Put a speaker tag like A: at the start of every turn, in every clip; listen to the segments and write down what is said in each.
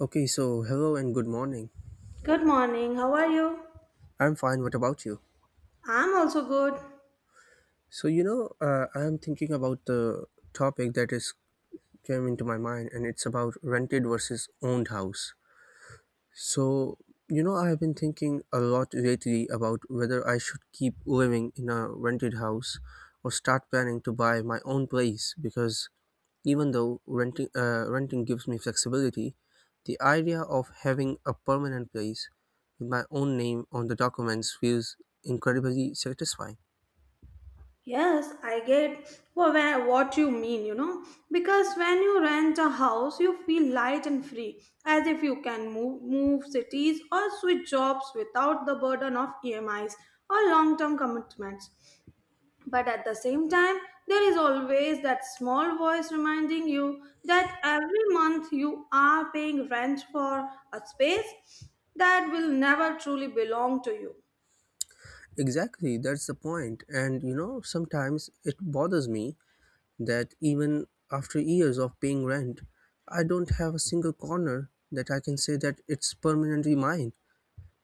A: Okay, so hello and good morning.
B: Good morning. How are you?
A: I'm fine. What about you?
B: I'm also good.
A: I'm thinking about the topic that is came into my mind, and it's about rented versus owned house. So I have been thinking a lot lately about whether I should keep living in a rented house or start planning to buy my own place because even though renting gives me flexibility, the idea of having a permanent place with my own name on the documents feels incredibly satisfying.
B: Yes, I get what you mean, you know, because when you rent a house, you feel light and free, as if you can move cities or switch jobs without the burden of EMIs or long term commitments. But at the same time, there is always that small voice reminding you that every month you are paying rent for a space that will never truly belong to you.
A: Exactly, that's the point. And you know, sometimes it bothers me that even after years of paying rent, I don't have a single corner that I can say that it's permanently mine.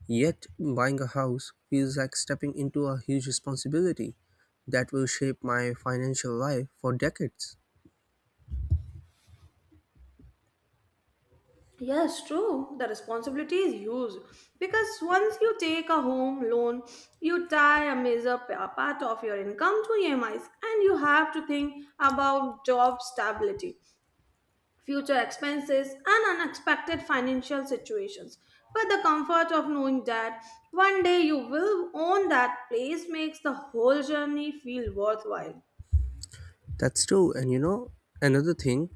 A: Yet, buying a house feels like stepping into a huge responsibility that will shape my financial life for decades.
B: Yes, true. The responsibility is huge because once you take a home loan, you tie a a part of your income to EMIs, and you have to think about job stability, future expenses, and unexpected financial situations. But the comfort of knowing that one day you will own that place makes the whole journey feel worthwhile.
A: That's true. And you know, another thing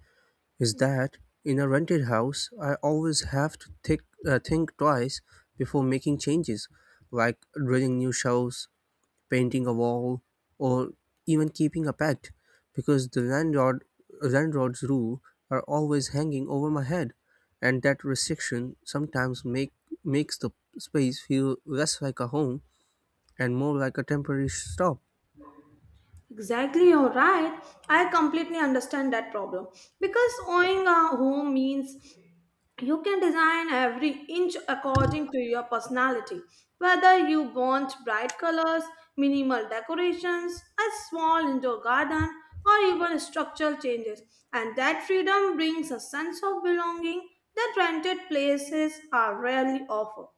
A: is that in a rented house, I always have to think twice before making changes, like drilling new shelves, painting a wall, or even keeping a pet, because the landlord's rule are always hanging over my head, and that restriction sometimes makes the space feel less like a home and more like a temporary stop.
B: Exactly, you're right. I completely understand that problem because owning a home means you can design every inch according to your personality, whether you want bright colors, minimal decorations, a small indoor garden, or even structural changes. And that freedom brings a sense of belonging that rented places are rarely offer.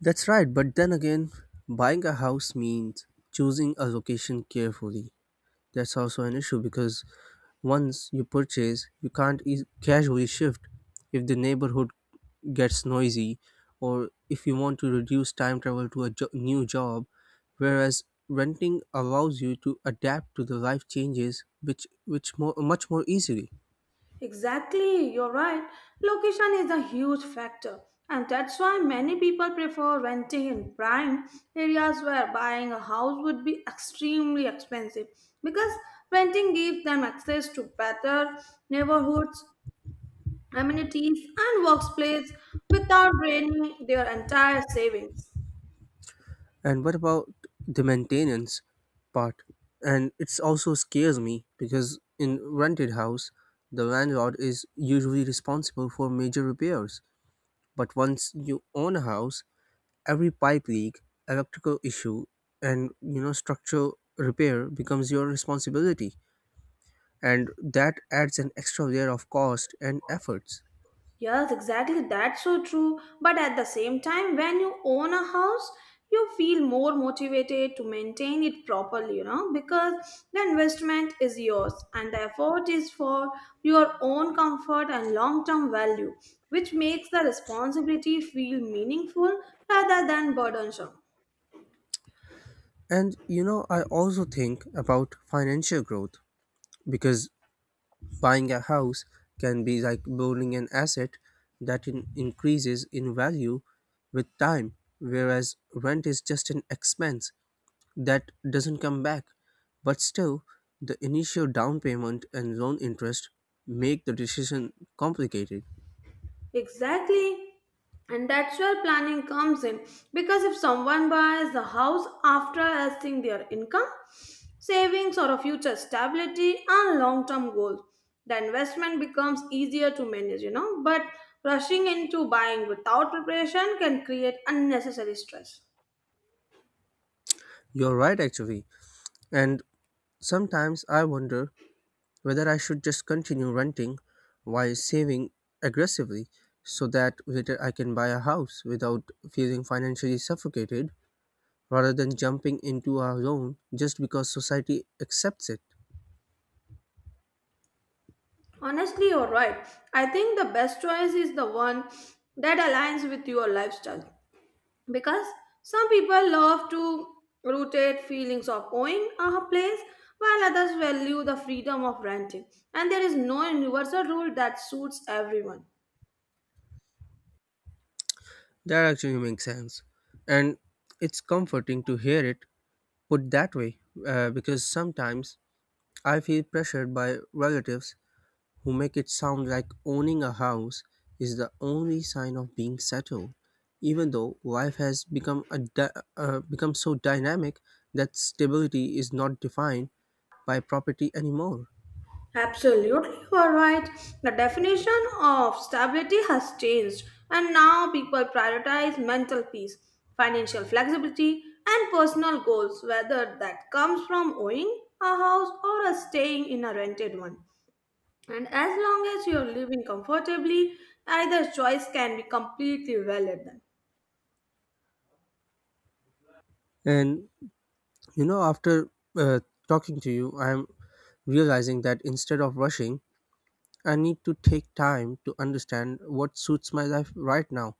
A: That's right, but then again, buying a house means choosing a location carefully. That's also an issue because once you purchase, you can't eas casually shift if the neighborhood gets noisy or if you want to reduce time travel to a new job, whereas renting allows you to adapt to the life changes which more much more easily.
B: Exactly, you're right. Location is a huge factor, and that's why many people prefer renting in prime areas where buying a house would be extremely expensive because renting gives them access to better neighborhoods, amenities, and workplace without draining their entire savings.
A: And what about the maintenance part? And it also scares me because in rented house, the landlord is usually responsible for major repairs. But once you own a house, every pipe leak, electrical issue, and you know structural repair becomes your responsibility, and that adds an extra layer of cost and efforts.
B: Yes, exactly. That's so true. But at the same time, when you own a house, you feel more motivated to maintain it properly, you know, because the investment is yours and the effort is for your own comfort and long term value, which makes the responsibility feel meaningful rather than burdensome.
A: And you know, I also think about financial growth because buying a house can be like building an asset that increases in value with time, whereas rent is just an expense that doesn't come back. But still, the initial down payment and loan interest make the decision complicated.
B: Exactly. And that's where planning comes in. Because if someone buys the house after assessing their income, savings, or a future stability and long term goals, the investment becomes easier to manage, you know. But rushing into buying without preparation can create unnecessary stress.
A: You're right, actually. And sometimes I wonder whether I should just continue renting while saving aggressively so that later I can buy a house without feeling financially suffocated, rather than jumping into our own just because society accepts it.
B: Honestly, you're right. I think the best choice is the one that aligns with your lifestyle. Because some people love to rooted feelings of owning a place while others value the freedom of renting, and there is no universal rule that suits everyone.
A: That actually makes sense. And it's comforting to hear it put that way because sometimes I feel pressured by relatives who make it sound like owning a house is the only sign of being settled, even though life has become so dynamic that stability is not defined by property anymore.
B: Absolutely, you are right. The definition of stability has changed, and now people prioritize mental peace, financial flexibility, and personal goals, whether that comes from owning a house or a staying in a rented one. And as long as you're living comfortably, either choice can be completely valid then.
A: And you know, after uh, talking to you, I am realizing that instead of rushing, I need to take time to understand what suits my life right now.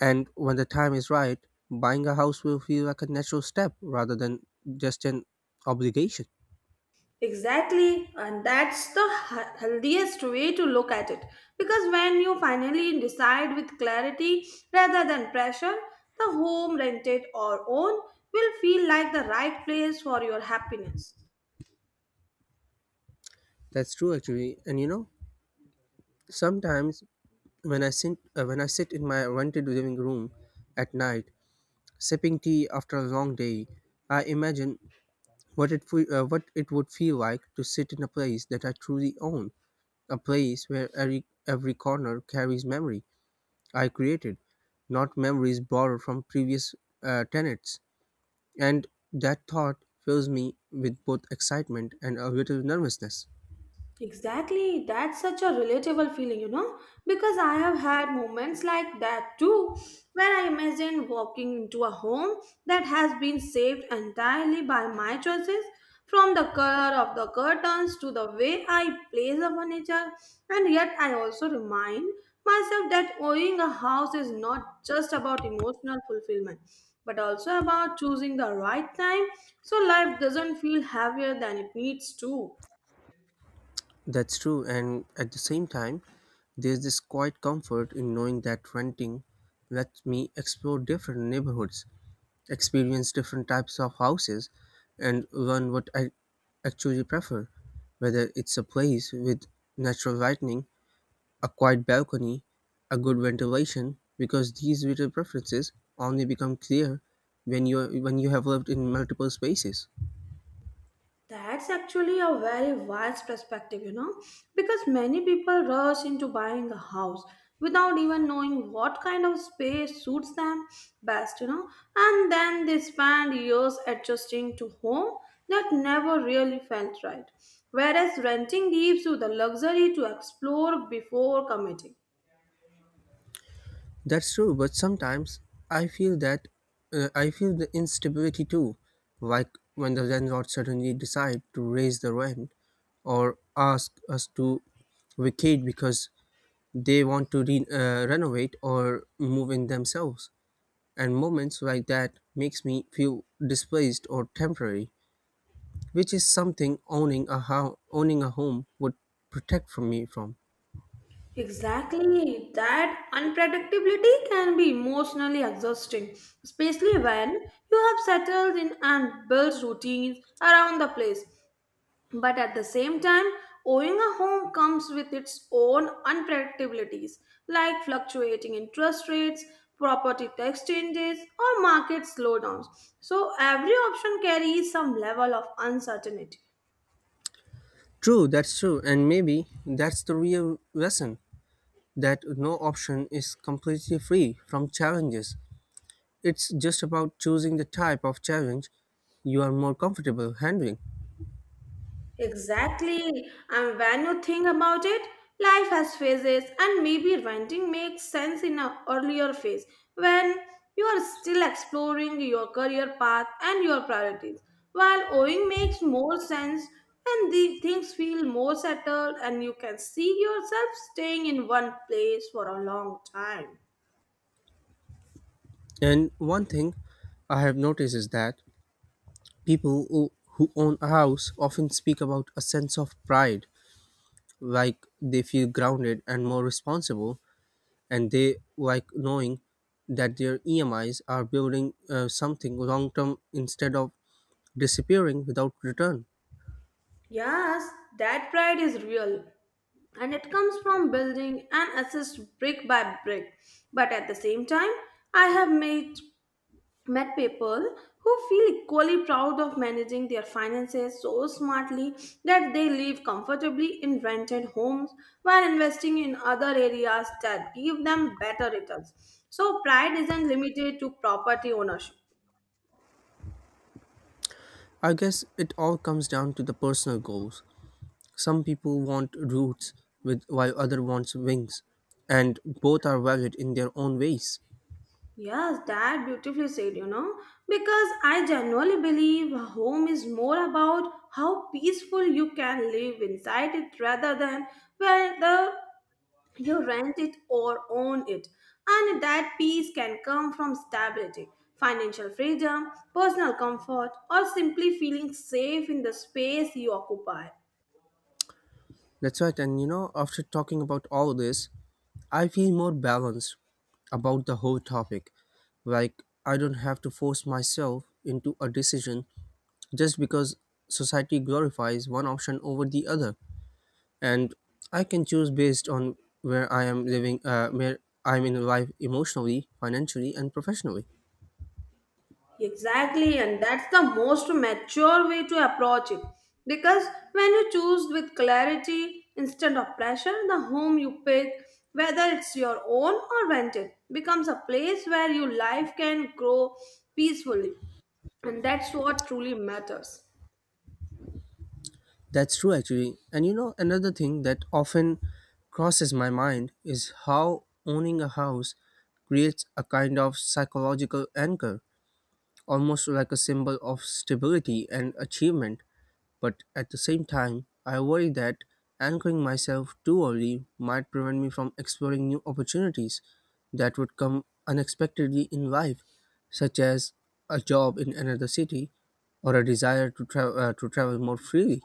A: And when the time is right, buying a house will feel like a natural step rather than just an obligation.
B: Exactly, and that's the healthiest way to look at it. Because when you finally decide with clarity rather than pressure, the home, rented or owned, will feel like the right place for your happiness.
A: That's true, actually. And you know, sometimes when I sit in my rented living room at night, sipping tea after a long day, I imagine what what it would feel like to sit in a place that I truly own, a place where every corner carries memory I created, not memories borrowed from previous tenants. And that thought fills me with both excitement and a little nervousness.
B: Exactly, that's such a relatable feeling, you know, because I have had moments like that too, where I imagine walking into a home that has been saved entirely by my choices, from the color of the curtains to the way I place the furniture, and yet I also remind myself that owning a house is not just about emotional fulfillment, but also about choosing the right time so life doesn't feel heavier than it needs to.
A: That's true, and at the same time, there's this quiet comfort in knowing that renting lets me explore different neighborhoods, experience different types of houses, and learn what I actually prefer, whether it's a place with natural lighting, a quiet balcony, a good ventilation, because these little preferences only become clear when you have lived in multiple spaces.
B: That's actually a very wise perspective, you know, because many people rush into buying a house without even knowing what kind of space suits them best, you know, and then they spend years adjusting to home that never really felt right. Whereas renting gives you the luxury to explore before committing.
A: That's true, but sometimes I feel that I feel the instability too, like when the landlord suddenly decide to raise the rent or ask us to vacate because they want to renovate or move in themselves. And moments like that makes me feel displaced or temporary, which is something owning a owning a home would protect from me from.
B: Exactly. That unpredictability can be emotionally exhausting, especially when you have settled in and built routines around the place. But at the same time, owning a home comes with its own unpredictabilities, like fluctuating interest rates, property tax changes, or market slowdowns. So every option carries some level of uncertainty.
A: True, that's true, and maybe that's the real lesson that no option is completely free from challenges. It's just about choosing the type of challenge you are more comfortable handling.
B: Exactly. And when you think about it, life has phases, and maybe renting makes sense in an earlier phase when you are still exploring your career path and your priorities, while owning makes more sense when the things feel more settled and you can see yourself staying in one place for a long time.
A: And one thing I have noticed is that people who own a house often speak about a sense of pride, like they feel grounded and more responsible and they like knowing that their EMIs are building something long term instead of disappearing without return.
B: Yes, that pride is real. And it comes from building and assist brick by brick. But at the same time, I have made, met people who feel equally proud of managing their finances so smartly that they live comfortably in rented homes while investing in other areas that give them better returns. So, pride isn't limited to property ownership.
A: I guess it all comes down to the personal goals. Some people want roots with while other wants wings and both are valid in their own ways.
B: Yes, that beautifully said, you know, because I genuinely believe home is more about how peaceful you can live inside it rather than whether you rent it or own it. And that peace can come from stability, financial freedom, personal comfort, or simply feeling safe in the space you occupy.
A: That's right, and you know, after talking about all this, I feel more balanced about the whole topic. Like, I don't have to force myself into a decision just because society glorifies one option over the other. And I can choose based on where where I'm in life emotionally, financially, and professionally.
B: Exactly, and that's the most mature way to approach it. Because when you choose with clarity instead of pressure, the home you pick, whether it's your own or rented, becomes a place where your life can grow peacefully. And that's what truly matters.
A: That's true, actually. And you know, another thing that often crosses my mind is how owning a house creates a kind of psychological anchor, almost like a symbol of stability and achievement. But at the same time, I worry that anchoring myself too early might prevent me from exploring new opportunities that would come unexpectedly in life, such as a job in another city or a desire to, to travel more freely.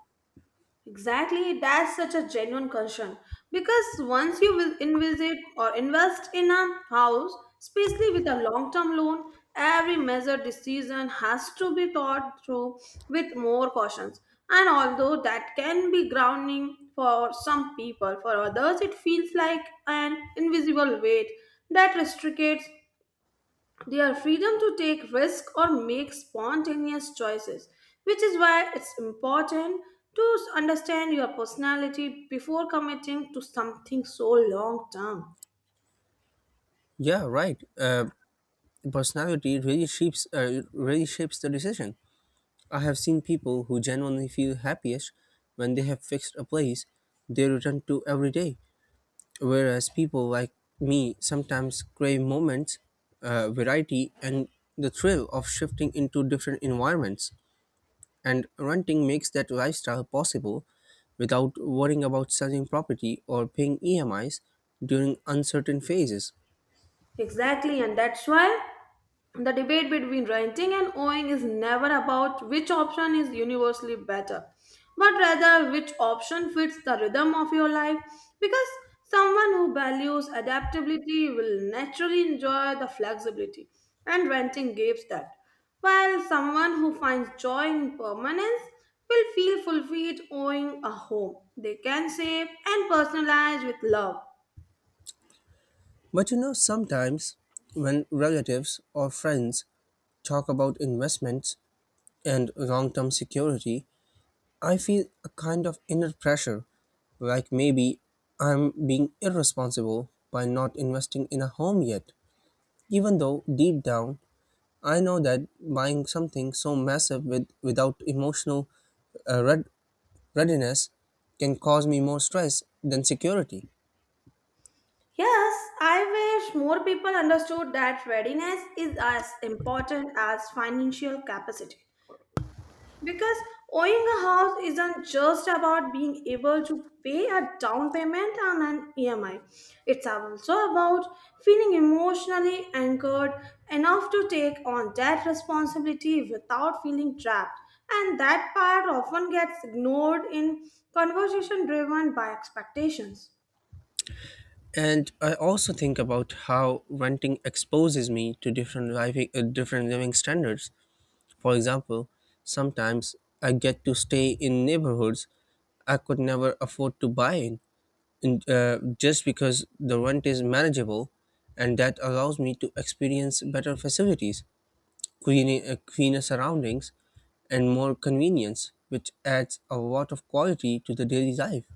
B: Exactly, that's such a genuine concern because once you will envisage or invest in a house, especially with a long term loan, every measured decision has to be thought through with more cautions. And although that can be grounding for some people, for others it feels like an invisible weight that restricts their freedom to take risks or make spontaneous choices, which is why it's important to understand your personality before committing to something so long term.
A: Yeah, right. Personality really shapes the decision. I have seen people who genuinely feel happiest when they have fixed a place they return to every day, whereas people like me sometimes crave variety, and the thrill of shifting into different environments. And renting makes that lifestyle possible without worrying about selling property or paying EMIs during uncertain phases.
B: Exactly, and that's why the debate between renting and owning is never about which option is universally better, but rather which option fits the rhythm of your life. Because someone who values adaptability will naturally enjoy the flexibility, and renting gives that. While someone who finds joy in permanence will feel fulfilled owning a home they can save and personalize with love.
A: But you know, sometimes when relatives or friends talk about investments and long term security, I feel a kind of inner pressure, like maybe I'm being irresponsible by not investing in a home yet, even though deep down I know that buying something so massive without emotional uh, red, readiness can cause me more stress than security.
B: Yes, I wish more people understood that readiness is as important as financial capacity. Because owning a house isn't just about being able to pay a down payment and an EMI. It's also about feeling emotionally anchored enough to take on that responsibility without feeling trapped. And that part often gets ignored in conversation driven by expectations.
A: And I also think about how renting exposes me to different different living standards. For example, sometimes I get to stay in neighborhoods I could never afford to buy in, just because the rent is manageable, and that allows me to experience better facilities, cleaner surroundings, and more convenience, which adds a lot of quality to the daily life.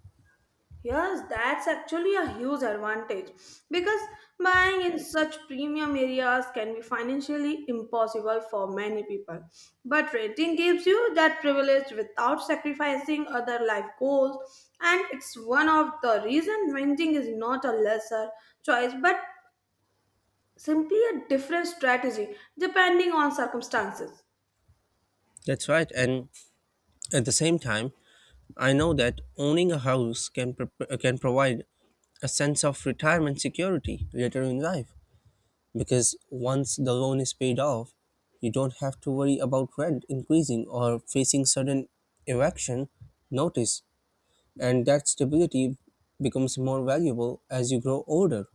B: Yes, that's actually a huge advantage because buying in such premium areas can be financially impossible for many people. But renting gives you that privilege without sacrificing other life goals, and it's one of the reasons renting is not a lesser choice but simply a different strategy depending on circumstances.
A: That's right. And at the same time, I know that owning a house can can provide a sense of retirement security later in life because once the loan is paid off, you don't have to worry about rent increasing or facing sudden eviction notice, and that stability becomes more valuable as you grow older.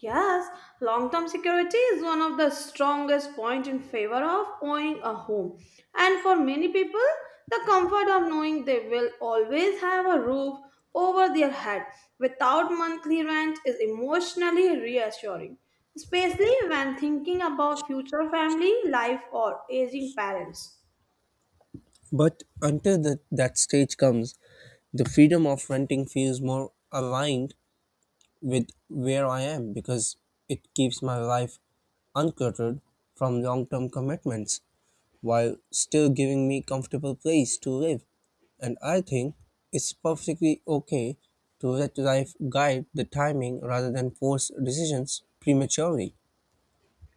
B: Yes, long term security is one of the strongest points in favor of owning a home. And for many people, the comfort of knowing they will always have a roof over their head without monthly rent is emotionally reassuring, especially when thinking about future family life or aging parents.
A: But until that stage comes, the freedom of renting feels more aligned with where I am because it keeps my life untethered from long term commitments while still giving me comfortable place to live. And I think it's perfectly okay to let life guide the timing rather than force decisions prematurely.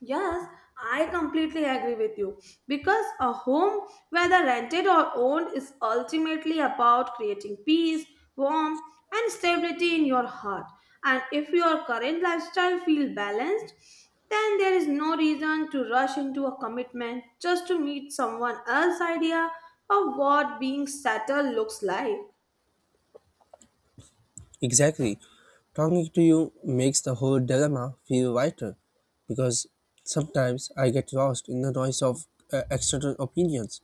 B: Yes, I completely agree with you because a home, whether rented or owned, is ultimately about creating peace, warmth, and stability in your heart. And if your current lifestyle feels balanced, then there is no reason to rush into a commitment just to meet someone else's idea of what being settled looks like.
A: Exactly. Talking to you makes the whole dilemma feel lighter because sometimes I get lost in the noise of external opinions,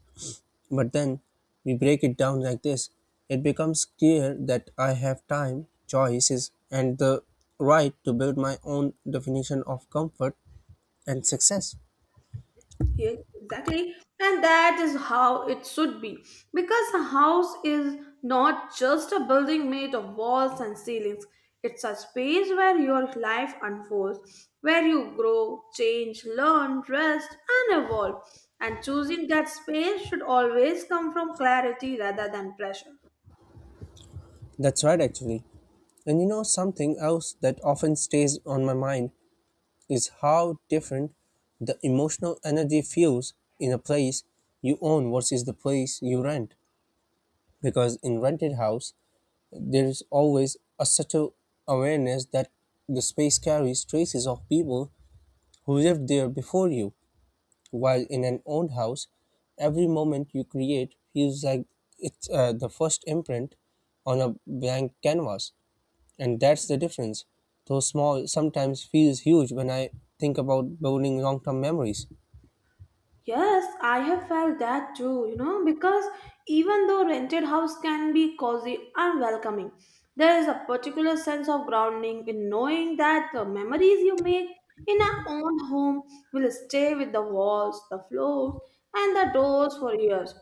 A: but then we break it down like this, it becomes clear that I have time, choices, and the right to build my own definition of comfort and success.
B: Yeah, exactly. And that is how it should be. Because a house is not just a building made of walls and ceilings, it's a space where your life unfolds, where you grow, change, learn, rest, and evolve. And choosing that space should always come from clarity rather than pressure.
A: That's right, actually. And you know, something else that often stays on my mind is how different the emotional energy feels in a place you own versus the place you rent. Because in rented house, there is always a subtle awareness that the space carries traces of people who lived there before you. While in an owned house, every moment you create feels like it's the first imprint on a blank canvas, and that's the difference. Though small, sometimes feels huge when I think about building long-term memories.
B: Yes, I have felt that too, you know, because even though rented house can be cozy and welcoming, there is a particular sense of grounding in knowing that the memories you make in our own home will stay with the walls, the floors, and the doors for years,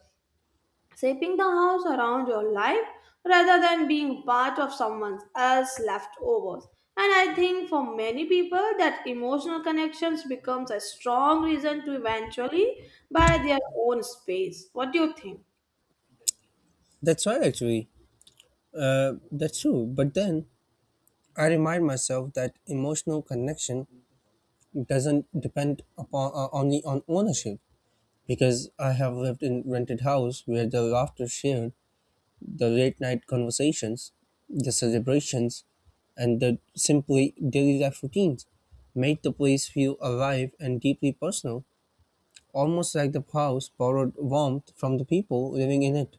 B: shaping the house around your life rather than being part of someone else's leftovers. And I think for many people that emotional connections becomes a strong reason to eventually buy their own space. What do you think?
A: That's right, actually. That's true. But then I remind myself that emotional connection doesn't depend upon only on ownership because I have lived in rented house where the laughter shared, the late night conversations, the celebrations, and the simply daily life routines made the place feel alive and deeply personal, almost like the house borrowed warmth from the people living in it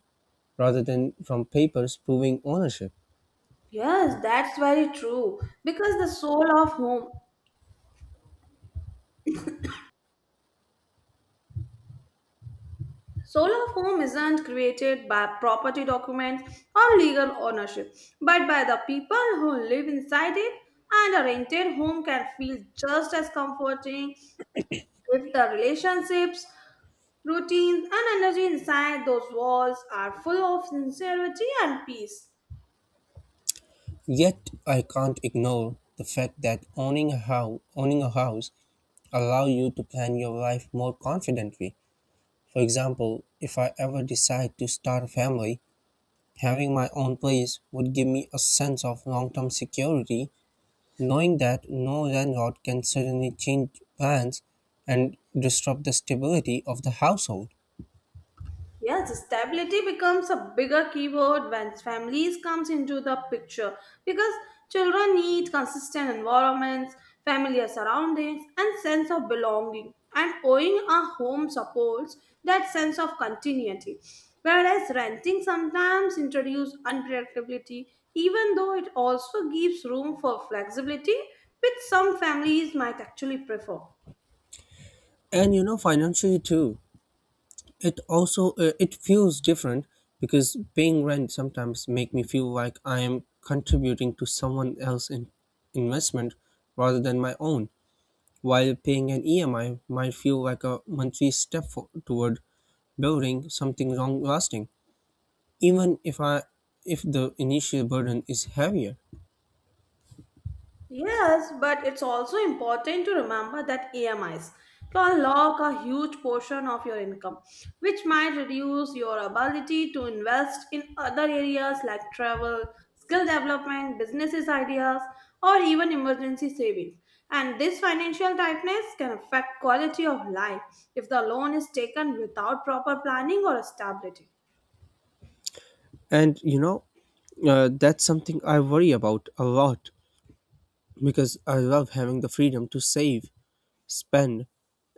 A: rather than from papers proving ownership.
B: Yes, that's very true. Because the soul of home isn't created by property documents or legal ownership, but by the people who live inside it, and a rented home can feel just as comforting if the relationships, routines, and energy inside those walls are full of sincerity and peace.
A: Yet I can't ignore the fact that owning a house allow you to plan your life more confidently. For example, if I ever decide to start a family, having my own place would give me a sense of long term security, knowing that no landlord can suddenly change plans and disrupt the stability of the household.
B: Yes, stability becomes a bigger keyword when families comes into the picture because children need consistent environments, familiar surroundings, and sense of belonging. And owning a home supports that sense of continuity. Whereas renting sometimes introduces unpredictability, even though it also gives room for flexibility, which some families might actually prefer.
A: Financially too, it also it feels different because paying rent sometimes make me feel like I am contributing to someone else's investment rather than my own. While paying an EMI might feel like a monthly step toward building something long lasting, even if I if the initial burden is heavier.
B: Yes, but it's also important to remember that EMIs can lock a huge portion of your income, which might reduce your ability to invest in other areas like travel, skill development, businesses ideas, or even emergency savings. And this financial tightness can affect quality of life if the loan is taken without proper planning or stability.
A: And that's something I worry about a lot because I love having the freedom to save, spend,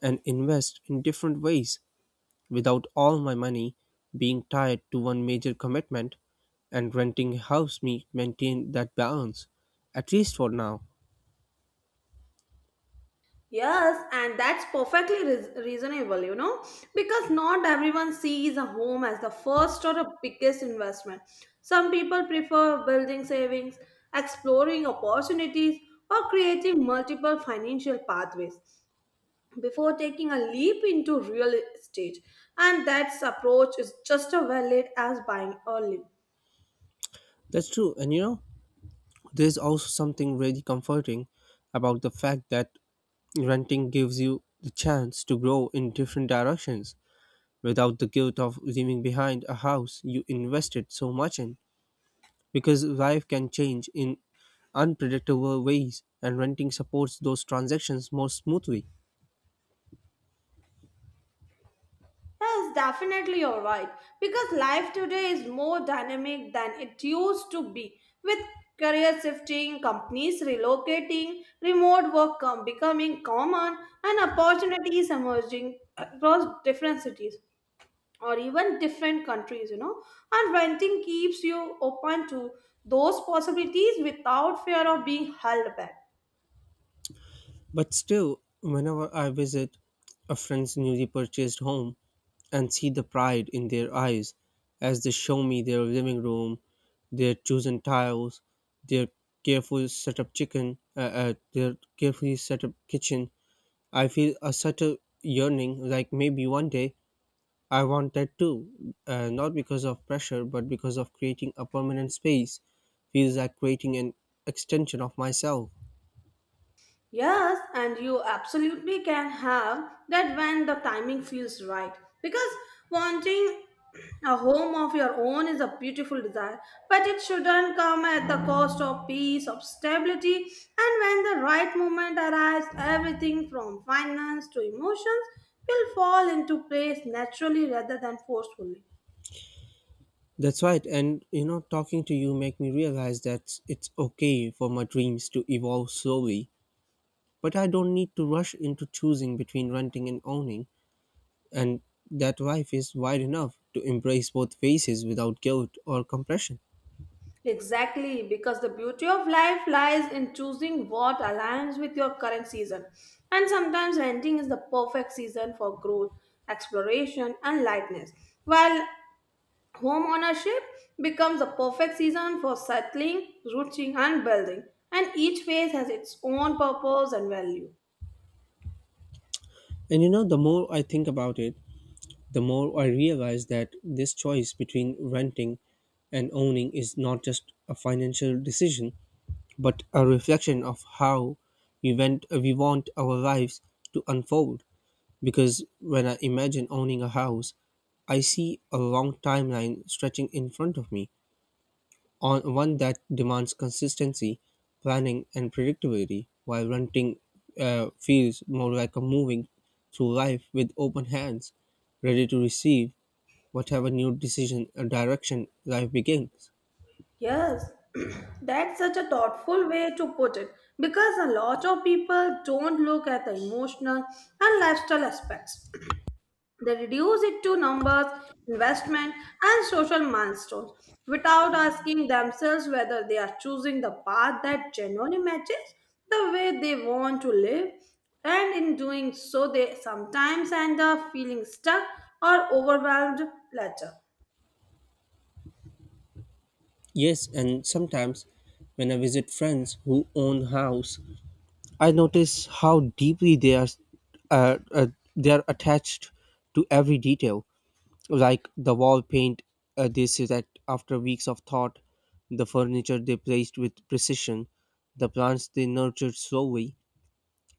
A: and invest in different ways without all my money being tied to one major commitment. And renting helps me maintain that balance, at least for now.
B: Yes, and that's perfectly reasonable, you know, because not everyone sees a home as the first or the biggest investment. Some people prefer building savings, exploring opportunities, or creating multiple financial pathways before taking a leap into real estate. And that approach is just as valid as buying early.
A: That's true. There's also something really comforting about the fact that renting gives you the chance to grow in different directions without the guilt of leaving behind a house you invested so much in, because life can change in unpredictable ways and renting supports those transactions more smoothly.
B: Yes, definitely you're right. Because life today is more dynamic than it used to be. With career shifting, companies relocating, becoming common, and opportunities emerging across different cities or even different countries, you know. And renting keeps you open to those possibilities without fear of being held back.
A: But still, whenever I visit a friend's newly purchased home and see the pride in their eyes as they show me their living room, their chosen tiles, their their carefully set up kitchen, I feel a subtle yearning like maybe one day I want that too. Not because of pressure, but because of creating a permanent space feels like creating an extension of myself.
B: Yes, and you absolutely can have that when the timing feels right. Because wanting a home of your own is a beautiful desire, but it shouldn't come at the cost of peace, of stability, and when the right moment arrives, everything from finance to emotions will fall into place naturally rather than forcefully.
A: That's right. And talking to you make me realize that it's okay for my dreams to evolve slowly, but I don't need to rush into choosing between renting and owning, and that life is wide enough to embrace both phases without guilt or compression.
B: Exactly, because the beauty of life lies in choosing what aligns with your current season. And sometimes renting is the perfect season for growth, exploration, and lightness, while home ownership becomes the perfect season for settling, rooting, and building. And each phase has its own purpose and value.
A: The more I think about it, the more I realize that this choice between renting and owning is not just a financial decision, but a reflection of how we want our lives to unfold. Because when I imagine owning a house, I see a long timeline stretching in front of me, on one that demands consistency, planning, and predictability, while renting feels more like a moving through life with open hands, ready to receive whatever new decision or direction life begins.
B: Yes, that's such a thoughtful way to put it because a lot of people don't look at the emotional and lifestyle aspects. They reduce it to numbers, investment, and social milestones without asking themselves whether they are choosing the path that genuinely matches the way they want to live. And in doing so, they sometimes end up feeling stuck or overwhelmed later.
A: Yes, and sometimes when I visit friends who own house I notice how deeply uh, uh, they are attached to every detail, like the wall paint, they say that after weeks of thought, the furniture they placed with precision, the plants they nurtured slowly,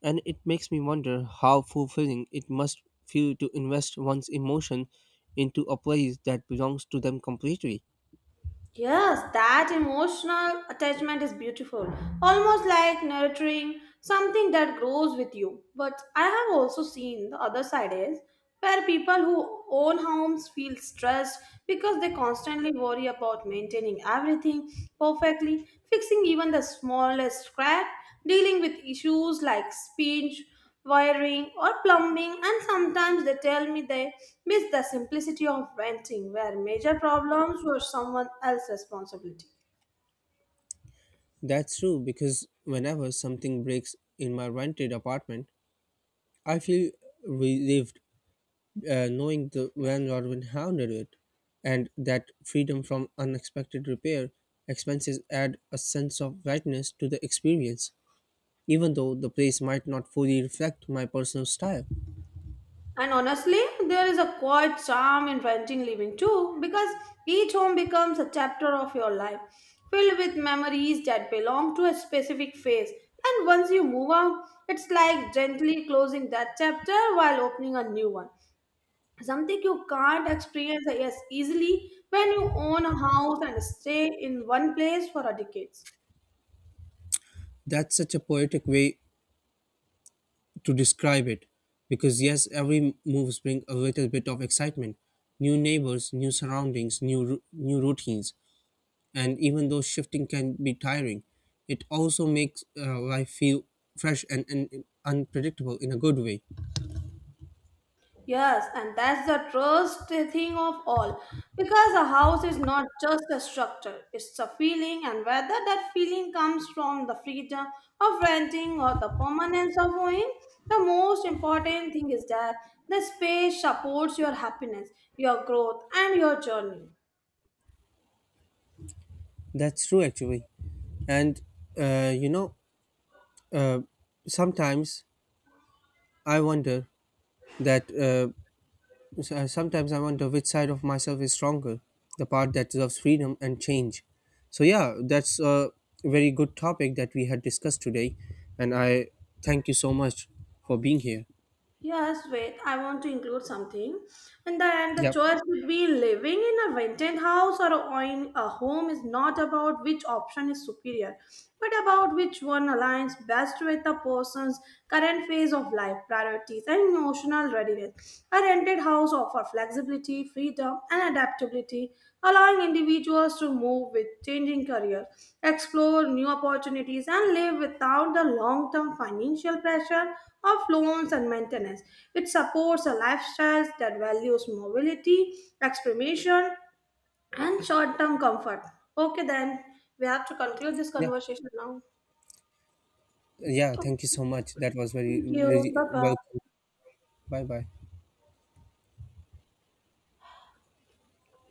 A: and it makes me wonder how fulfilling it must feel to invest one's emotion into a place that belongs to them completely.
B: Yes, that emotional attachment is beautiful, almost like nurturing something that grows with you. But I have also seen the other side is where people who own homes feel stressed because they constantly worry about maintaining everything perfectly, fixing even the smallest scrap, dealing with issues like speech wiring or plumbing, and sometimes they tell me they miss the simplicity of renting where major problems were someone else's responsibility.
A: That's true, because whenever something breaks in my rented apartment, I feel relieved, knowing the Van Rodwin hounded it, and that freedom from unexpected repair expenses add a sense of rightness to the experience, even though the place might not fully reflect my personal style.
B: And honestly, there is a quiet charm in renting living too, because each home becomes a chapter of your life filled with memories that belong to a specific phase, and once you move out it's like gently closing that chapter while opening a new one, something you can't experience yes easily when you own a house and stay in one place for a decades.
A: That's such a poetic way to describe it, because yes, every moves bring a little bit of excitement, new neighbors, new surroundings, new routines, and even though shifting can be tiring, it also makes life feel fresh and unpredictable in a good way.
B: Yes, and that's the trust thing of all, because a house is not just a structure, it's a feeling, and whether that feeling comes from the freedom of renting or the permanence of owning, the most important thing is that the space supports your happiness, your growth, and your journey.
A: That's true, actually. And, you know, uh, sometimes I wonder that, s- Sometimes I wonder which side of myself is stronger, the part that loves freedom and change. So, yeah, that's a very good topic that we had discussed today. And I thank you so much for being here.
B: Yes, wait, I want to include something. And then the
A: Yep.
B: choice between living in a rented house or owning a home is not about which option is superior, but about which one aligns best with the person's current phase of life, priorities, and emotional readiness. A rented house offer flexibility, freedom, and adaptability, allowing individuals to move with changing careers, explore new opportunities, and live without the long term financial pressure of loans and maintenance. It supports a lifestyle that values mobility, experimentation, and short term comfort. Okay, then we have to conclude this
A: Yeah.
B: conversation now.
A: Yeah. Thank you so much. That was very,
B: Thank you. Bye
A: really
B: bye.
A: welcome. Bye bye.